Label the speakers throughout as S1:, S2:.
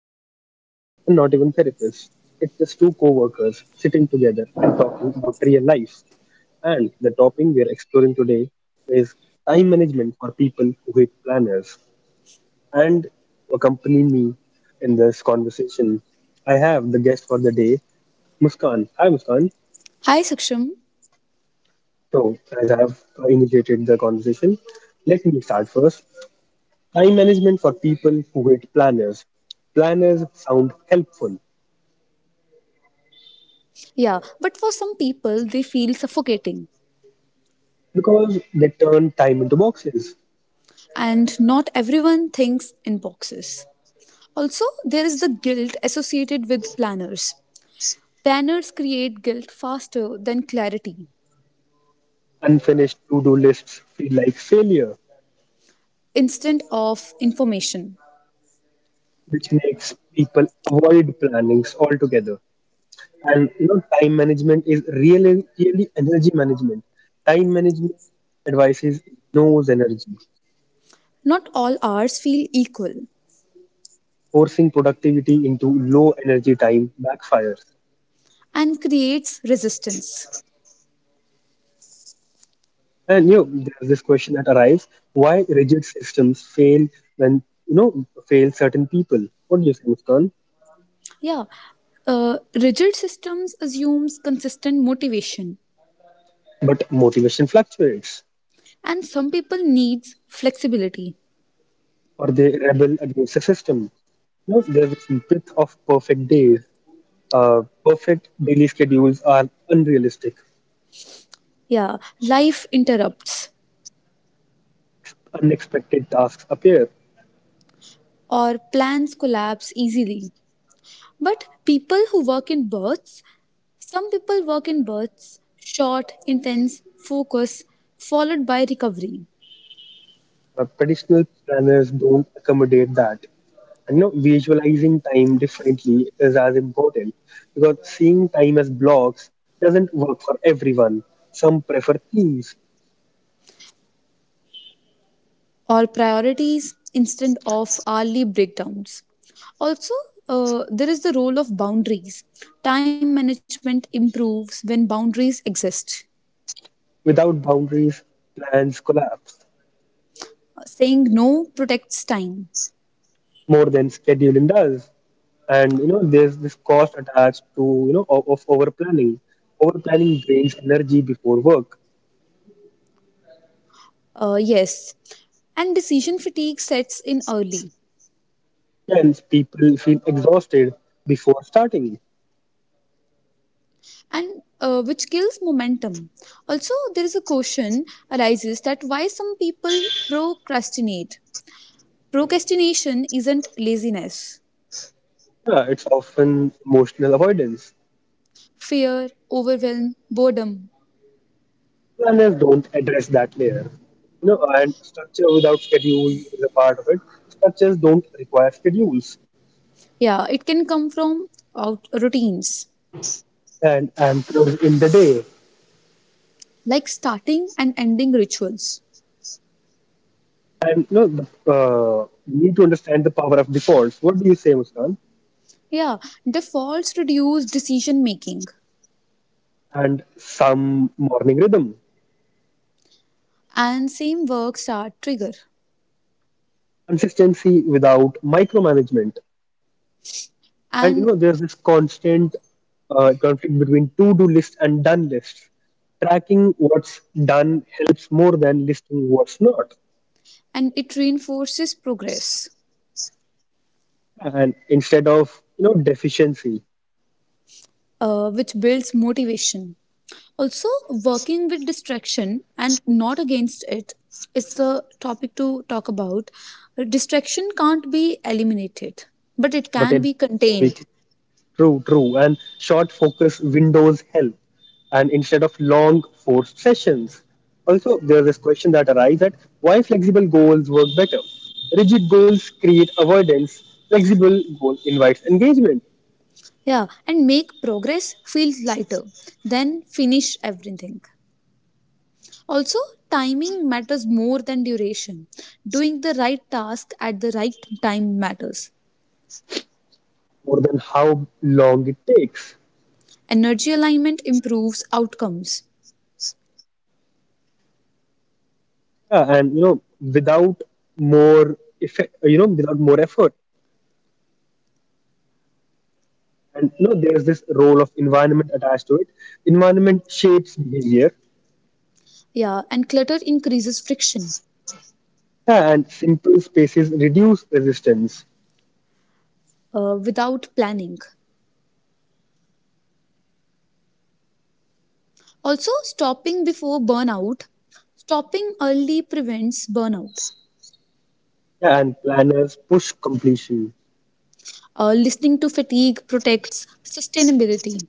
S1: not professionals, and not even therapists. It's just two co workers sitting together and talking about real life. And the topic we are exploring today is time management for people who hate planners. And to accompany me in this conversation, I have the guest for the day, Muskan. Hi, Muskan.
S2: Hi, Saksham.
S1: So, as I've initiated the conversation, let me start first. Time management for people who hate planners. Planners sound helpful
S2: Yeah, but for some people, they feel suffocating,
S1: because they turn time into boxes.
S2: and not everyone thinks in boxes. Also, there is the guilt associated with planners. Planners create guilt faster than clarity,
S1: Unfinished to do lists feel like failure,
S2: instant of information.
S1: which makes people avoid plannings altogether. And time management is really, really energy management. Time management advises ignores energy.
S2: Not all hours feel equal
S1: Forcing productivity into low energy time backfires.
S2: and creates resistance.
S1: And there's this question that arrives: why rigid systems fail when fail certain people? What do you think, Muskan?
S2: Yeah, rigid systems assumes consistent motivation,
S1: But motivation fluctuates,
S2: and some people needs flexibility.
S1: or they rebel against the system. There's this myth of perfect days. Perfect daily schedules are unrealistic.
S2: Yeah, life interrupts
S1: Unexpected tasks appear.
S2: or plans collapse easily. But people who work in bursts, some people work in bursts, short, intense focus, followed by recovery,
S1: Traditional planners don't accommodate that. And, visualizing time differently is as important because seeing time as blocks doesn't work for everyone. Some prefer themes.
S2: or priorities instead of hourly breakdowns. Also, there is the role of boundaries. Time management improves when boundaries exist.
S1: Without boundaries, plans collapse
S2: Saying no protects time.
S1: more than scheduling does. And there's this cost attached to you know of over planning. Over planning drains energy before work,
S2: Yes. And decision fatigue sets in early.
S1: and people feel exhausted before starting.
S2: And which kills momentum. Also, there is a question arises that why some people procrastinate. Procrastination isn't laziness,
S1: Yeah, it's often emotional avoidance.
S2: fear, overwhelm, boredom.
S1: Planners don't address that layer. And structure without schedule is a part of it. Structures don't require schedules
S2: Yeah, it can come from out routines
S1: and anchors in the day.
S2: like starting and ending rituals.
S1: And we need to understand the power of defaults. What do you say, Muskan?
S2: Yeah, defaults reduce decision making,
S1: And some morning rhythm,
S2: and same works are trigger,
S1: consistency without micromanagement. And
S2: and
S1: there's this constant conflict between to-do list and done lists. Tracking what's done helps more than listing what's not,
S2: and it reinforces progress.
S1: and instead of deficiency.
S2: Which builds motivation. Also, working with distraction and not against it is the topic to talk about. Distraction can't be eliminated, but it
S1: But
S2: can
S1: it
S2: be contained.
S1: True, true, and short focus windows help, and instead of long forced sessions. Also, there's this question that arises, that why flexible goals work better. Rigid goals create avoidance; flexible goal invites engagement
S2: Yeah, and make progress feel lighter than finish everything. Also, timing matters more than duration. Doing the right task at the right time matters.
S1: more than how long it takes.
S2: Energy alignment improves outcomes.
S1: Yeah, and without more effect, without more effort. And there's this role of environment attached to it. Environment shapes behavior.
S2: Yeah, and clutter increases friction.
S1: Yeah, and simple spaces reduce resistance.
S2: Without planning. Also, stopping before burnout. Stopping early prevents burnout.
S1: Yeah, and planners push completion,
S2: Listening to fatigue protects sustainability.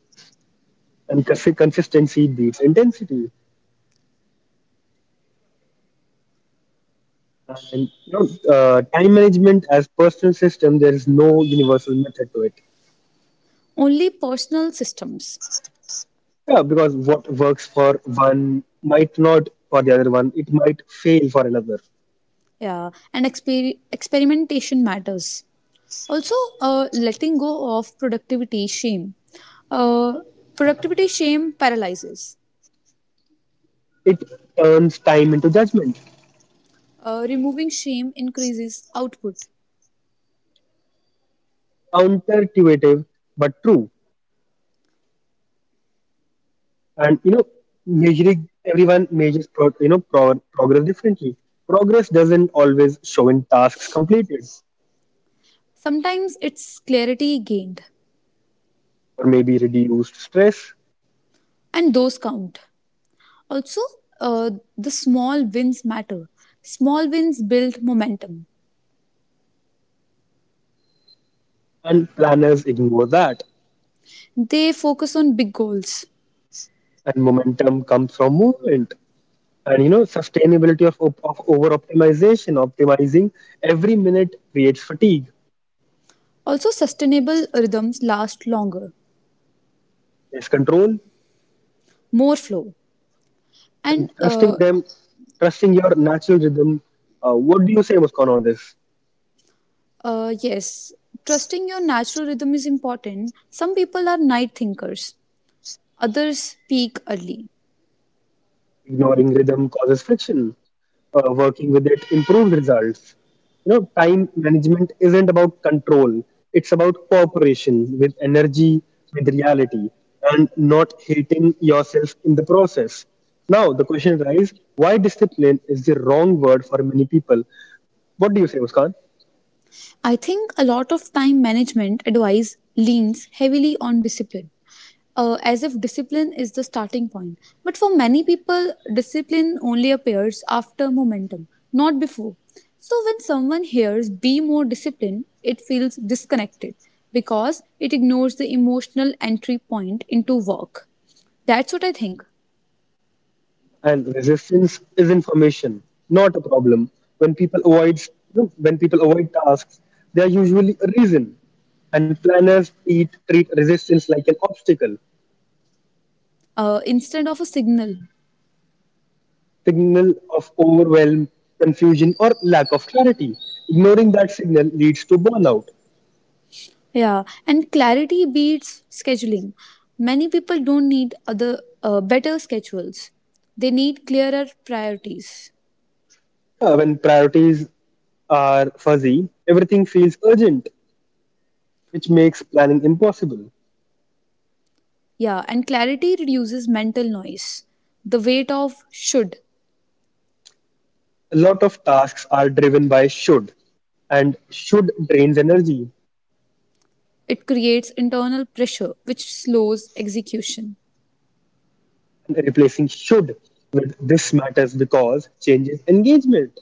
S1: and consistency beats intensity. And time management as personal system, there is no universal method to it.
S2: Only personal systems
S1: Yeah, because what works for one might not for the other one, it might fail for another.
S2: yeah, and experimentation matters. Also, letting go of productivity shame. Uh, Productivity shame paralyzes.
S1: It turns time into judgment.
S2: Removing shame increases output.
S1: Counterintuitive, but true. And measuring, everyone measures progress differently. Progress doesn't always show in tasks completed,
S2: Sometimes it's clarity gained,
S1: or maybe reduced stress.
S2: and those count. Also, uh, the small wins matter. Small wins build momentum.
S1: And planners ignore that,
S2: They focus on big goals.
S1: and momentum comes from movement. And sustainability of, of over optimization. Optimizing every minute creates fatigue.
S2: Also, sustainable rhythms last longer,
S1: Less control.
S2: more flow.
S1: And
S2: And
S1: trusting your natural rhythm, what do you say, Muskan, on this?
S2: Yes, trusting your natural rhythm is important. Some people are night thinkers, others peak early.
S1: Ignoring rhythm causes friction. Working with it improves results. Time management isn't about control. It's about cooperation with energy, with reality, and not hating yourself in the process. Now the question arises, why discipline is the wrong word for many people. What do you say, Muskan?
S2: I think a lot of time management advice leans heavily on discipline, as if discipline is the starting point. But for many people, discipline only appears after momentum, not before. So when someone hears be more disciplined, it feels disconnected because it ignores the emotional entry point into work. That's what I think.
S1: And resistance is information, not a problem. When people avoid you know, when people avoid tasks, they are usually a reason. And planners treat resistance like an obstacle,
S2: Instead of a signal.
S1: signal of overwhelm, confusion, or lack of clarity. Ignoring that signal leads to burnout.
S2: Yeah, and clarity beats scheduling. Many people don't need other better schedules. They need clearer priorities.
S1: When priorities are fuzzy, everything feels urgent, which makes planning impossible.
S2: Yeah, and clarity reduces mental noise. The weight of should.
S1: A lot of tasks are driven by should, and should drains energy,
S2: It creates internal pressure which slows execution.
S1: and replacing should with this matters because changes engagement.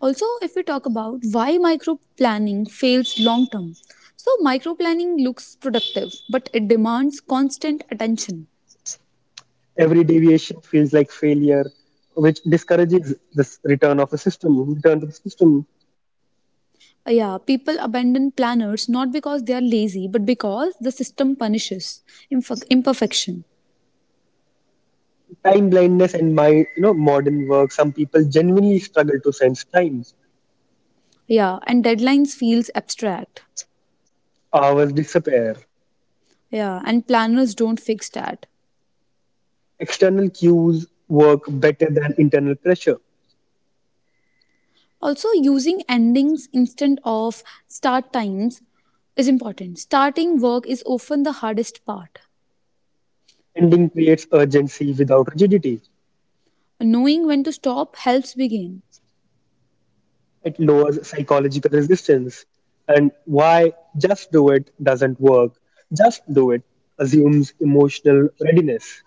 S2: Also, if we talk about why micro planning fails long term. So micro planning looks productive, but it demands constant attention.
S1: Every deviation feels like failure, which discourages this return of a system, return to the system.
S2: Yeah, people abandon planners not because they are lazy, but because the system punishes imperfection.
S1: Time blindness and my you know modern work, some people genuinely struggle to sense time.
S2: Yeah, and deadlines feels abstract.
S1: Hours disappear.
S2: Yeah, and planners don't fix that.
S1: External cues work better than internal pressure.
S2: Also, using endings instead of start times is important. Starting work is often the hardest part.
S1: Ending creates urgency without rigidity.
S2: Knowing when to stop helps begin.
S1: It lowers psychological resistance. And why just do it doesn't work. Just do it assumes emotional readiness.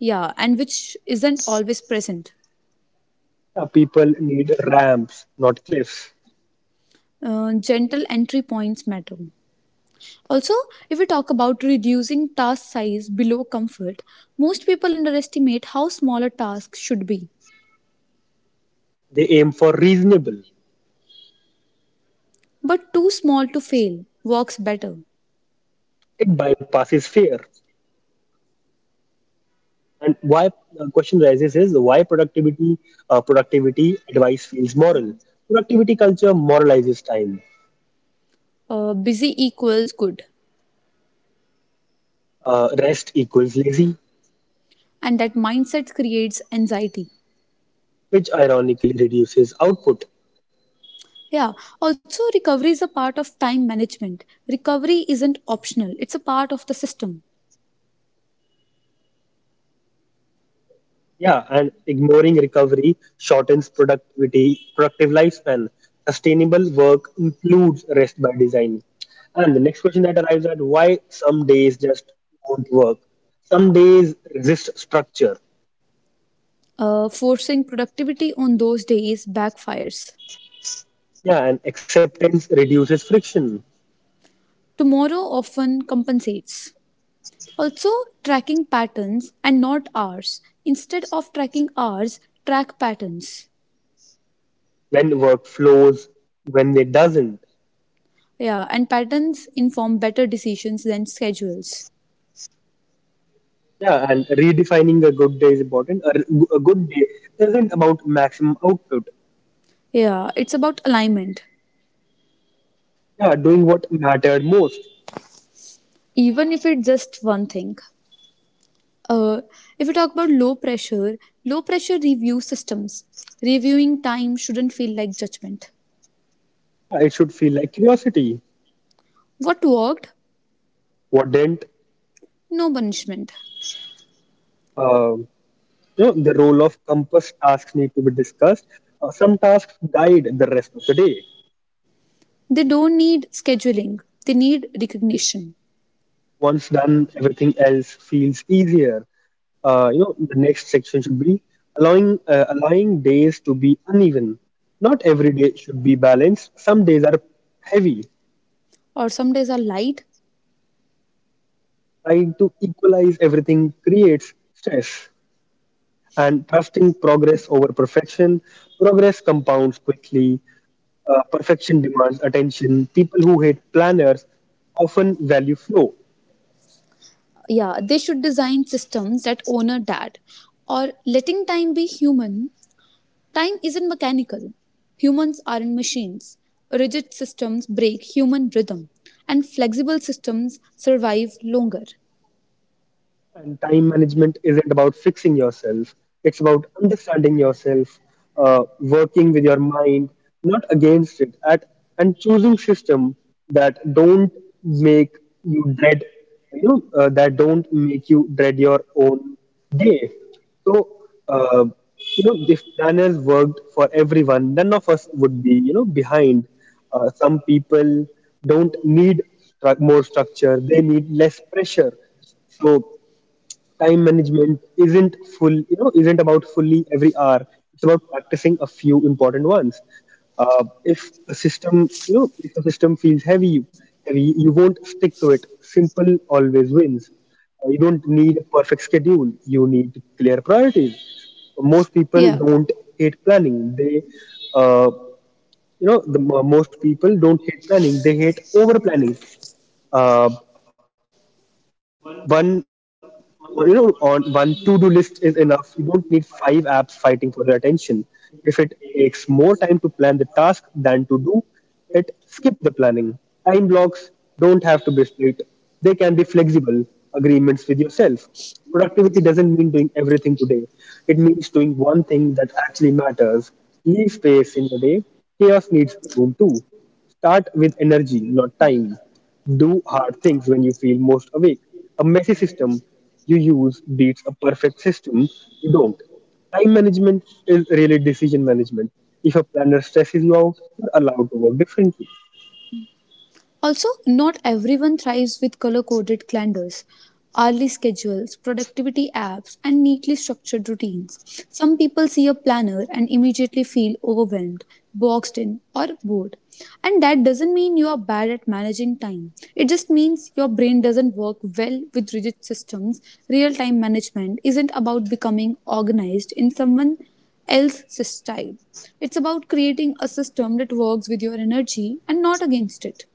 S2: Yeah, and which isn't always present.
S1: People need ramps, not cliffs.
S2: Gentle entry points matter. Also, if we talk about reducing task size below comfort, most people underestimate how small a task should be.
S1: They aim for reasonable.
S2: But too small to fail works better.
S1: It bypasses fear. And why the question rises is why productivity, productivity advice feels moral. Productivity culture moralizes time.
S2: Busy equals good.
S1: Rest equals lazy,
S2: And that mindset creates anxiety.
S1: which ironically reduces output.
S2: Yeah, also, recovery is a part of time management. Recovery isn't optional, it's a part of the system.
S1: Yeah, and ignoring recovery shortens productivity productive lifespan. Sustainable work includes rest by design. And the next question that arrives at why some days just won't work. Some days resist structure.
S2: Forcing productivity on those days backfires.
S1: Yeah, and acceptance reduces friction.
S2: Tomorrow often compensates. Also tracking patterns and not hours. Instead of tracking hours, track patterns.
S1: When work flows, when it doesn't.
S2: Yeah, and patterns inform better decisions than schedules.
S1: Yeah, and redefining a good day is important. A good day isn't about maximum output.
S2: Yeah, it's about alignment,
S1: Yeah, doing what mattered most.
S2: even if it's just one thing. Uh, if we talk about low pressure review systems. Reviewing time shouldn't feel like judgment.
S1: Yeah, it should feel like curiosity.
S2: What worked?
S1: What didn't?
S2: No punishment.
S1: Um the role of compass tasks need to be discussed. Some tasks guide the rest of the day.
S2: They don't need scheduling, they need recognition.
S1: Once done, everything else feels easier. The next section should be allowing days to be uneven. Not every day should be balanced, some days are heavy.
S2: Or some days are light,
S1: Trying to equalize everything creates stress. And trusting progress over perfection, progress compounds quickly. Perfection demands attention. People who hate planners often value flow.
S2: yeah they should design systems that honor that, or letting time be human. Time isn't mechanical, humans aren't machines. Rigid systems break human rhythm and flexible systems survive longer.
S1: And time management isn't about fixing yourself, it's about understanding yourself. Working with your mind, not against it at. And choosing system that don't make you dread, that don't make you dread your own day. So uh, if planners worked for everyone, none of us would be behind. Some people don't need more structure, they need less pressure. So time management isn't isn't about fully every hour. It's about practicing a few important ones. If a system, if a system feels heavy, heavy, you won't stick to it. Simple always wins. You don't need a perfect schedule. You need clear priorities. Most people
S2: Yeah.
S1: don't hate planning. They, uh, you know, the mo- Most people don't hate planning. They hate over planning. One, One to-do list is enough. You don't need five apps fighting for your attention. If it takes more time to plan the task than to do it, skip the planning. Time blocks don't have to be split. They can be flexible agreements with yourself. Productivity doesn't mean doing everything today. It means doing one thing that actually matters. Leave space in your day. Chaos needs room too. Start with energy, not time. Do hard things when you feel most awake. A messy system you use beats a perfect system you don't. Time management is really decision management. If a planner stresses you out, you're allowed to work differently.
S2: Also, not everyone thrives with color coded calendars, hourly schedules, productivity apps, and neatly structured routines. Some people see a planner and immediately feel overwhelmed, boxed in, or bored. And that doesn't mean you are bad at managing time. It just means your brain doesn't work well with rigid systems. Real time management isn't about becoming organized in someone else's style. It's about creating a system that works with your energy and not against it.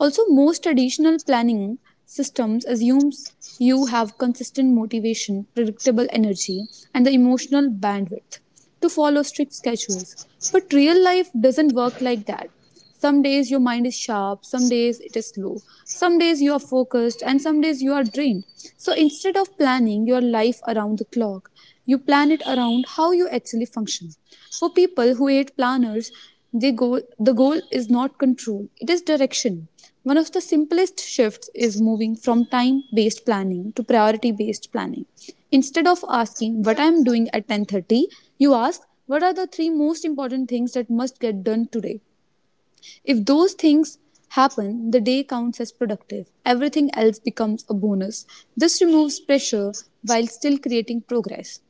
S2: Also, most traditional planning systems assumes you have consistent motivation, predictable energy, and the emotional bandwidth to follow strict schedules. But real life doesn't work like that. Some days your mind is sharp, some days it is slow, some days you are focused, and some days you are drained. So instead of planning your life around the clock, you plan it around how you actually function. For people who hate planners, the goal is not control, it is direction. One of the simplest shifts is moving from time based planning to priority based planning. Instead of asking what I am doing at 10:30, you ask what are the three most important things that must get done today. If those things happen, the day counts as productive. Everything else becomes a bonus. This removes pressure while still creating progress.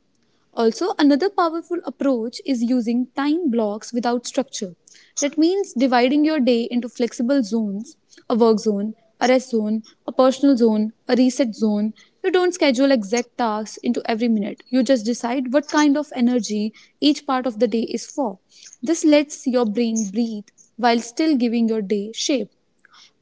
S2: Also, another powerful approach is using time blocks without structure. That means dividing your day into flexible zones, a work zone, a rest zone, a personal zone, a reset zone. You don't schedule exact tasks into every minute. You just decide what kind of energy each part of the day is for. This lets your brain breathe while still giving your day shape.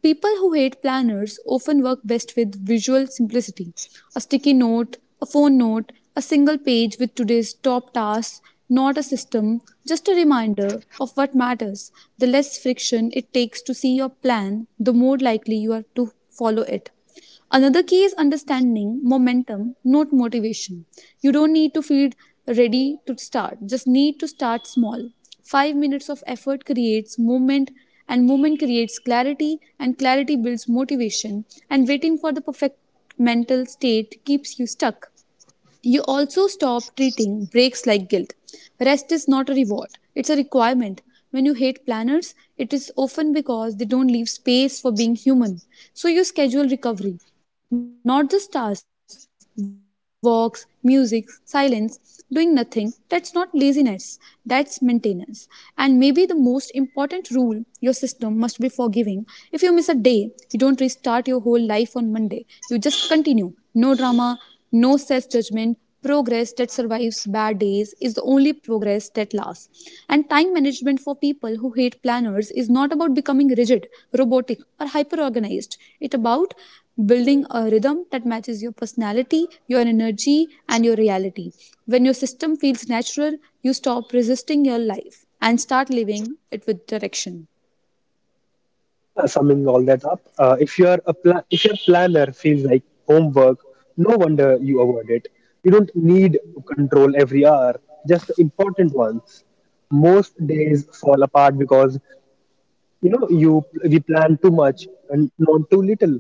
S2: People who hate planners often work best with visual simplicity, a sticky note, a phone note, a single page with today's top tasks, not a system, just a reminder of what matters. The less friction it takes to see your plan, the more likely you are to follow it. Another key is understanding momentum, not motivation. You don't need to feel ready to start, just need to start small. 5 minutes of effort creates movement, and movement creates clarity, and clarity builds motivation, and waiting for the perfect mental state keeps you stuck. You also stop treating breaks like guilt. Rest is not a reward, it's a requirement. When you hate planners, it is often because they don't leave space for being human. So you schedule recovery, not just tasks, walks, music, silence, doing nothing. That's not laziness, that's maintenance. And maybe the most important rule, your system must be forgiving. If you miss a day, you don't restart your whole life on Monday. You just continue. No drama, no self judgment. Progress that survives bad days is the only progress that lasts. And time management for people who hate planners is not about becoming rigid, robotic, or hyper organized. It's about building a rhythm that matches your personality, your energy, and your reality. When your system feels natural, you stop resisting your life and start living it with direction.
S1: Summing all that up, if your planner feels like homework, no wonder you avoid it. You don't need to control every hour, just the important ones. Most days fall apart because you know you we plan too much and not too little.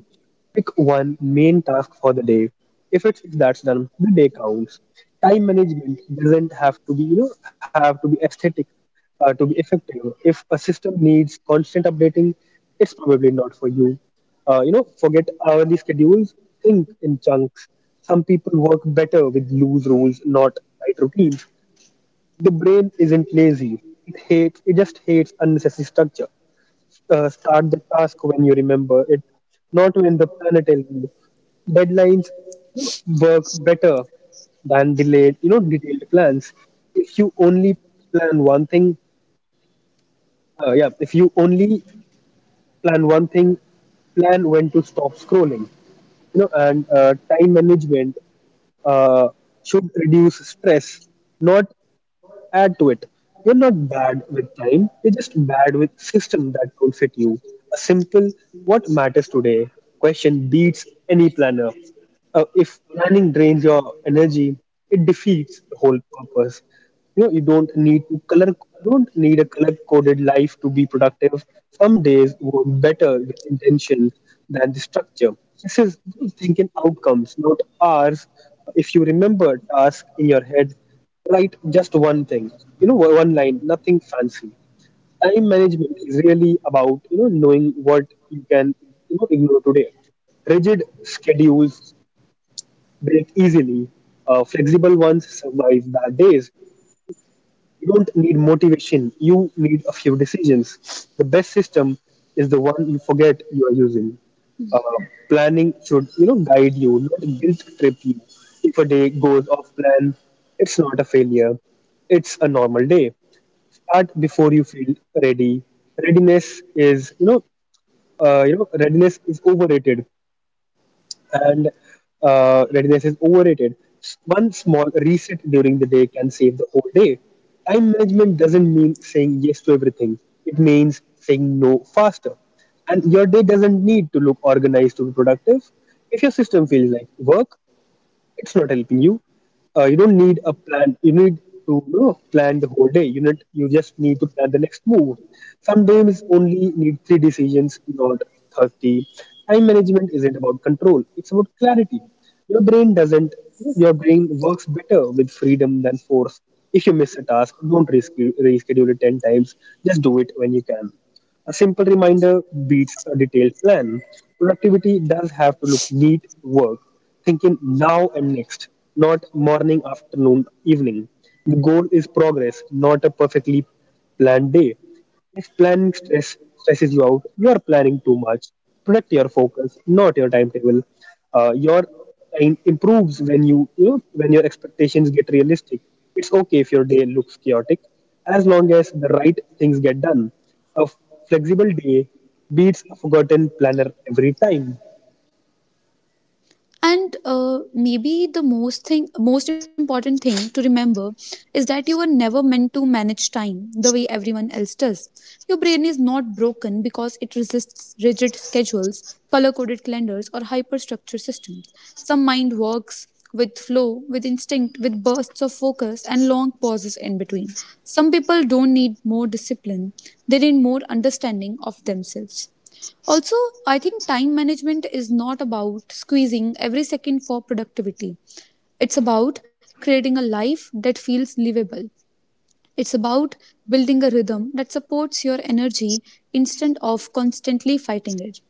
S1: Pick one main task for the day, if it's that's done, the day counts. Time management doesn't have to be, have to be, aesthetic to be effective. If a system needs constant updating, it's probably not for you. You know Forget hourly schedules, think in chunks. Some people work better with loose rules, not tight routines. The brain isn't lazy, it hates it just hates unnecessary structure. Start the task when you remember it, not when the planner tells you. Deadlines work better than detailed plans. If you only plan one thing, yeah, If you only plan one thing, plan when to stop scrolling. You know, and Time management uh, should reduce stress, not add to it. You're not bad with time, you're just bad with system that don't fit you. A simple what matters today question beats any planner. If planning drains your energy, it defeats the whole purpose. You don't need a color coded life to be productive. Some days work better with intention than the structure. This is thinking outcomes, not hours. If you remember a task in your head, write just one thing, one line, nothing fancy. Time management is really about, knowing what you can, ignore today. Rigid schedules break easily. Flexible ones survive bad days. You don't need motivation, you need a few decisions. The best system is the one you forget you are using. Uh, Planning should, guide you, not guilt trip you. If a day goes off plan, it's not a failure. It's a normal day. Start before you feel ready. Readiness is, you know, Readiness is overrated and readiness is overrated. One small reset during the day can save the whole day. Time management doesn't mean saying yes to everything, it means saying no faster. And your day doesn't need to look organized to be productive. If your system feels like work, it's not helping you. You don't need a plan, you need to plan the whole day. You need, you just need to plan the next move. Sometimes only need three decisions, not 30. Time management isn't about control, it's about clarity. Your brain doesn't Your brain works better with freedom than force. If you miss a task, don't reschedule it 10 times, just do it when you can. A simple reminder beats a detailed plan. Productivity does have to look neat work, thinking now and next, not morning, afternoon, evening. The goal is progress, not a perfectly planned day. If planning stress stresses you out, you are planning too much. Protect your focus, not your timetable. Your time improves when you, when your expectations get realistic. It's okay if your day looks chaotic, as long as the right things get done. A flexible day beats a forgotten planner every time.
S2: And maybe the most thing most important thing to remember is that you were never meant to manage time the way everyone else does. Your brain is not broken because it resists rigid schedules, color coded calendars, or hyperstructured systems. Some mind works with flow, with instinct, with bursts of focus and long pauses in between. Some people don't need more discipline, they need more understanding of themselves. Also, I think time management is not about squeezing every second for productivity. It's about creating a life that feels livable. It's about building a rhythm that supports your energy instead of constantly fighting it.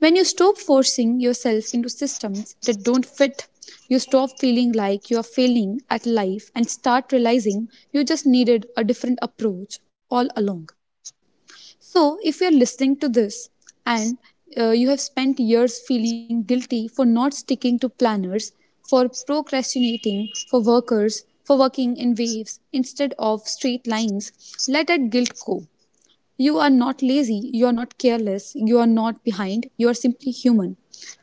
S2: When you stop forcing yourself into systems that don't fit, you stop feeling like you are failing at life and start realizing you just needed a different approach all along. So, if you're listening to this and you have spent years feeling guilty for not sticking to planners, for procrastinating, for working in waves instead of straight lines, let that guilt go. You are not lazy, you are not careless, you are not behind, you are simply human.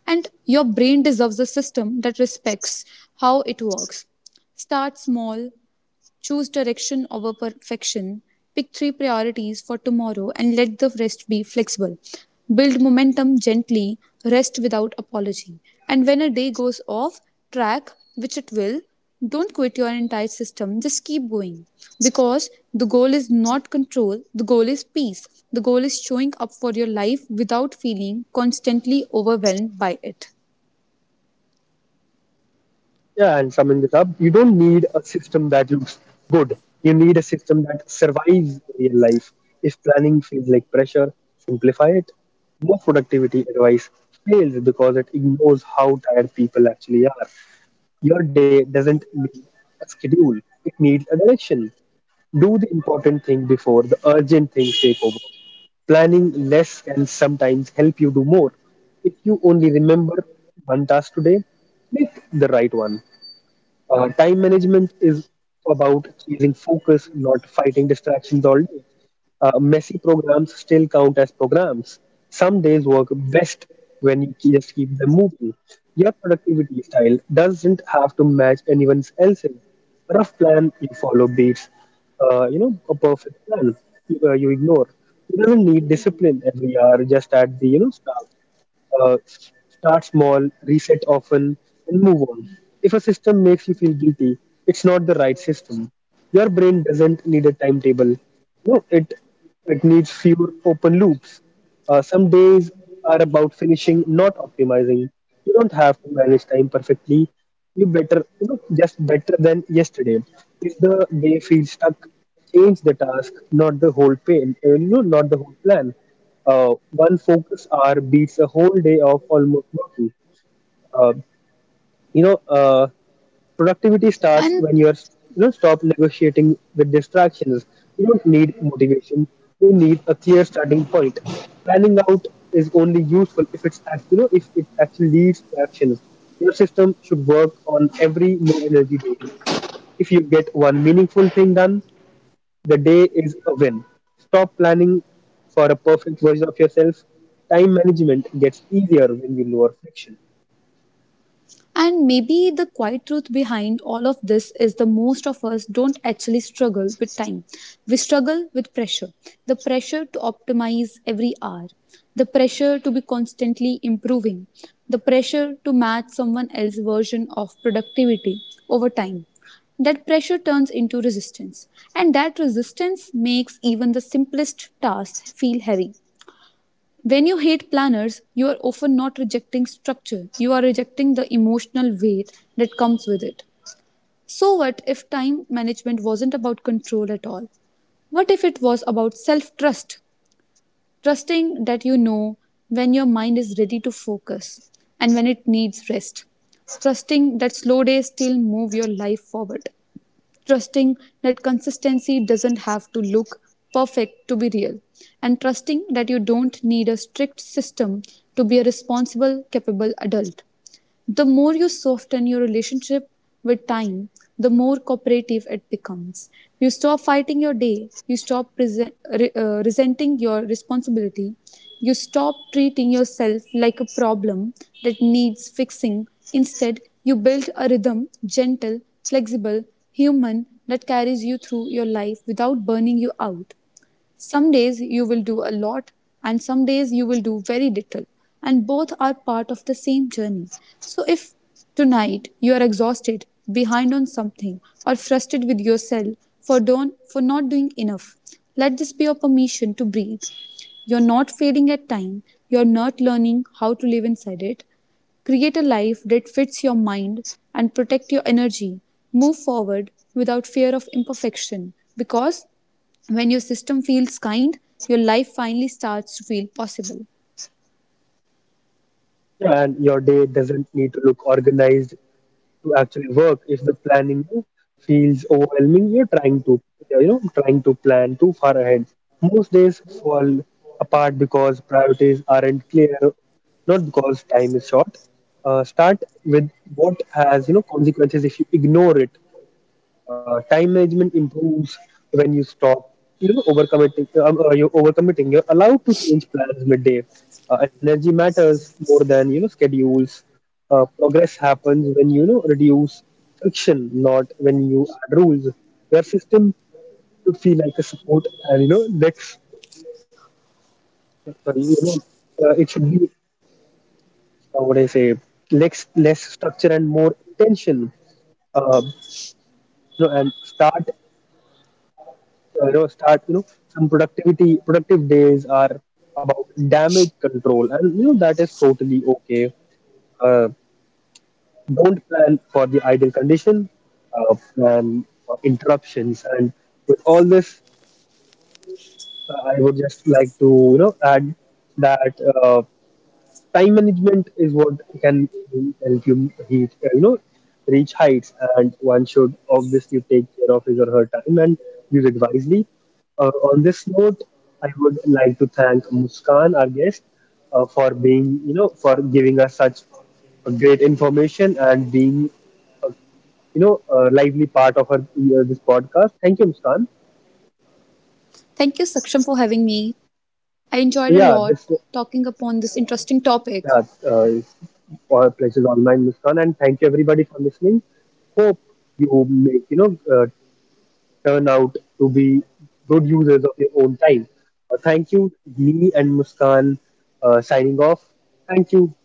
S2: And your brain deserves a system that respects how it works. Start small. Choose direction over perfection. Pick three priorities for tomorrow and let the rest be flexible. Build momentum gently, rest without apology. And when a day goes off track, which it will, don't quit your entire system, just keep going. Because the goal is not control, the goal is peace. The goal is showing up for your life without feeling constantly overwhelmed by it.
S1: Yeah, and summing this up, you don't need a system that looks good. You need a system that survives real life. If planning feels like pressure, simplify it. Most productivity advice fails because it ignores how tired people actually are. Your day doesn't need a schedule, it needs a direction. Do the important thing before the urgent things take over. Planning less can sometimes help you do more. If you only remember one task today, pick the right one. Time management is about chasing focus, not fighting distractions all day. Messy programs still count as programs. Some days work best when you just keep them moving. Your productivity style doesn't have to match anyone else's. A rough plan you follow beats, a perfect plan you, you ignore. You don't need discipline every hour, just at the start. uh, s- Start small, reset often, and move on. If a system makes you feel guilty, it's not the right system. Your brain doesn't need a timetable. No, it needs fewer open loops. Some days are about finishing, not optimizing. You don't have to manage time perfectly. You better, just better than yesterday. If the day feels stuck, change the task, not the whole plan. One focus hour beats a whole day of almost nothing. Uh, you know, uh, Productivity starts
S2: And
S1: when you are, stop negotiating with distractions. You don't need motivation. You need a clear starting point. Planning out is only useful if it's act- you know if it actually leads to actions. Your system should work on every low energy day. If you get one meaningful thing done, the day is a win. Stop planning for a perfect version of yourself. Time management gets easier when you lower friction.
S2: And maybe the quiet truth behind all of this is the most of us don't actually struggle with time. We struggle with pressure. The pressure to optimize every hour. The pressure to be constantly improving. The pressure to match someone else's version of productivity over time. That pressure turns into resistance. And that resistance makes even the simplest tasks feel heavy. When you hate planners, you are often not rejecting structure, you are rejecting the emotional weight that comes with it. So, what if time management wasn't about control at all? What if it was about self trust? Trusting that you know when your mind is ready to focus and when it needs rest. Trusting that slow days still move your life forward, trusting that consistency doesn't have to look perfect to be real, and trusting that you don't need a strict system to be a responsible, capable adult. The more you soften your relationship with time, the more cooperative it becomes. You stop fighting your day, you stop resenting your responsibility, you stop treating yourself like a problem that needs fixing. Instead, you build a rhythm, gentle, flexible, human, that carries you through your life without burning you out. Some days you will do a lot, and some days you will do very little, and both are part of the same journey. So, if tonight you are exhausted, behind on something, or frustrated with yourself for not doing enough, let this be your permission to breathe. You're not failing at time, you're not learning how to live inside it. Create a life that fits your mind and protect your energy. Move forward without fear of imperfection because when your system feels kind, your life finally starts to feel possible.
S1: Yeah. And your day doesn't need to look organized to actually work. If the planning feels overwhelming, you're trying to plan too far ahead. Most days fall apart because priorities aren't clear, not because time is short. Start with what has, consequences, if you ignore it. Time management improves when you stop, overcommitting. You're overcommitting. You're allowed to change plans midday. Energy matters more than schedules. Progress happens when reduce friction, not when you add rules. Your system should feel like a support, and lex. Sorry, it should be, what I say, less structure and more intention. Uh, you know, and start. You know start you know some productivity productive days are about damage control, and that is totally okay. Uh, don't plan for the ideal condition, plan for interruptions. And with all this, I would just like to add that, uh, time management is what can really help you reach, reach heights. And one should obviously take care of his or her time and use it wisely. On this note, I would like to thank Muskan, our guest, for being, for giving us such a great information and being, a lively part of her, this podcast. Thank you, Muskan.
S2: Thank you, Saksham, for having me. I enjoyed a lot talking
S1: So yeah,
S2: upon this interesting topic.
S1: Yeah, uh, all places online, Muskan, and thank you everybody for listening. Hope you make turn out to be good users of your own time. Thank you, me and Muskan, signing off. Thank you.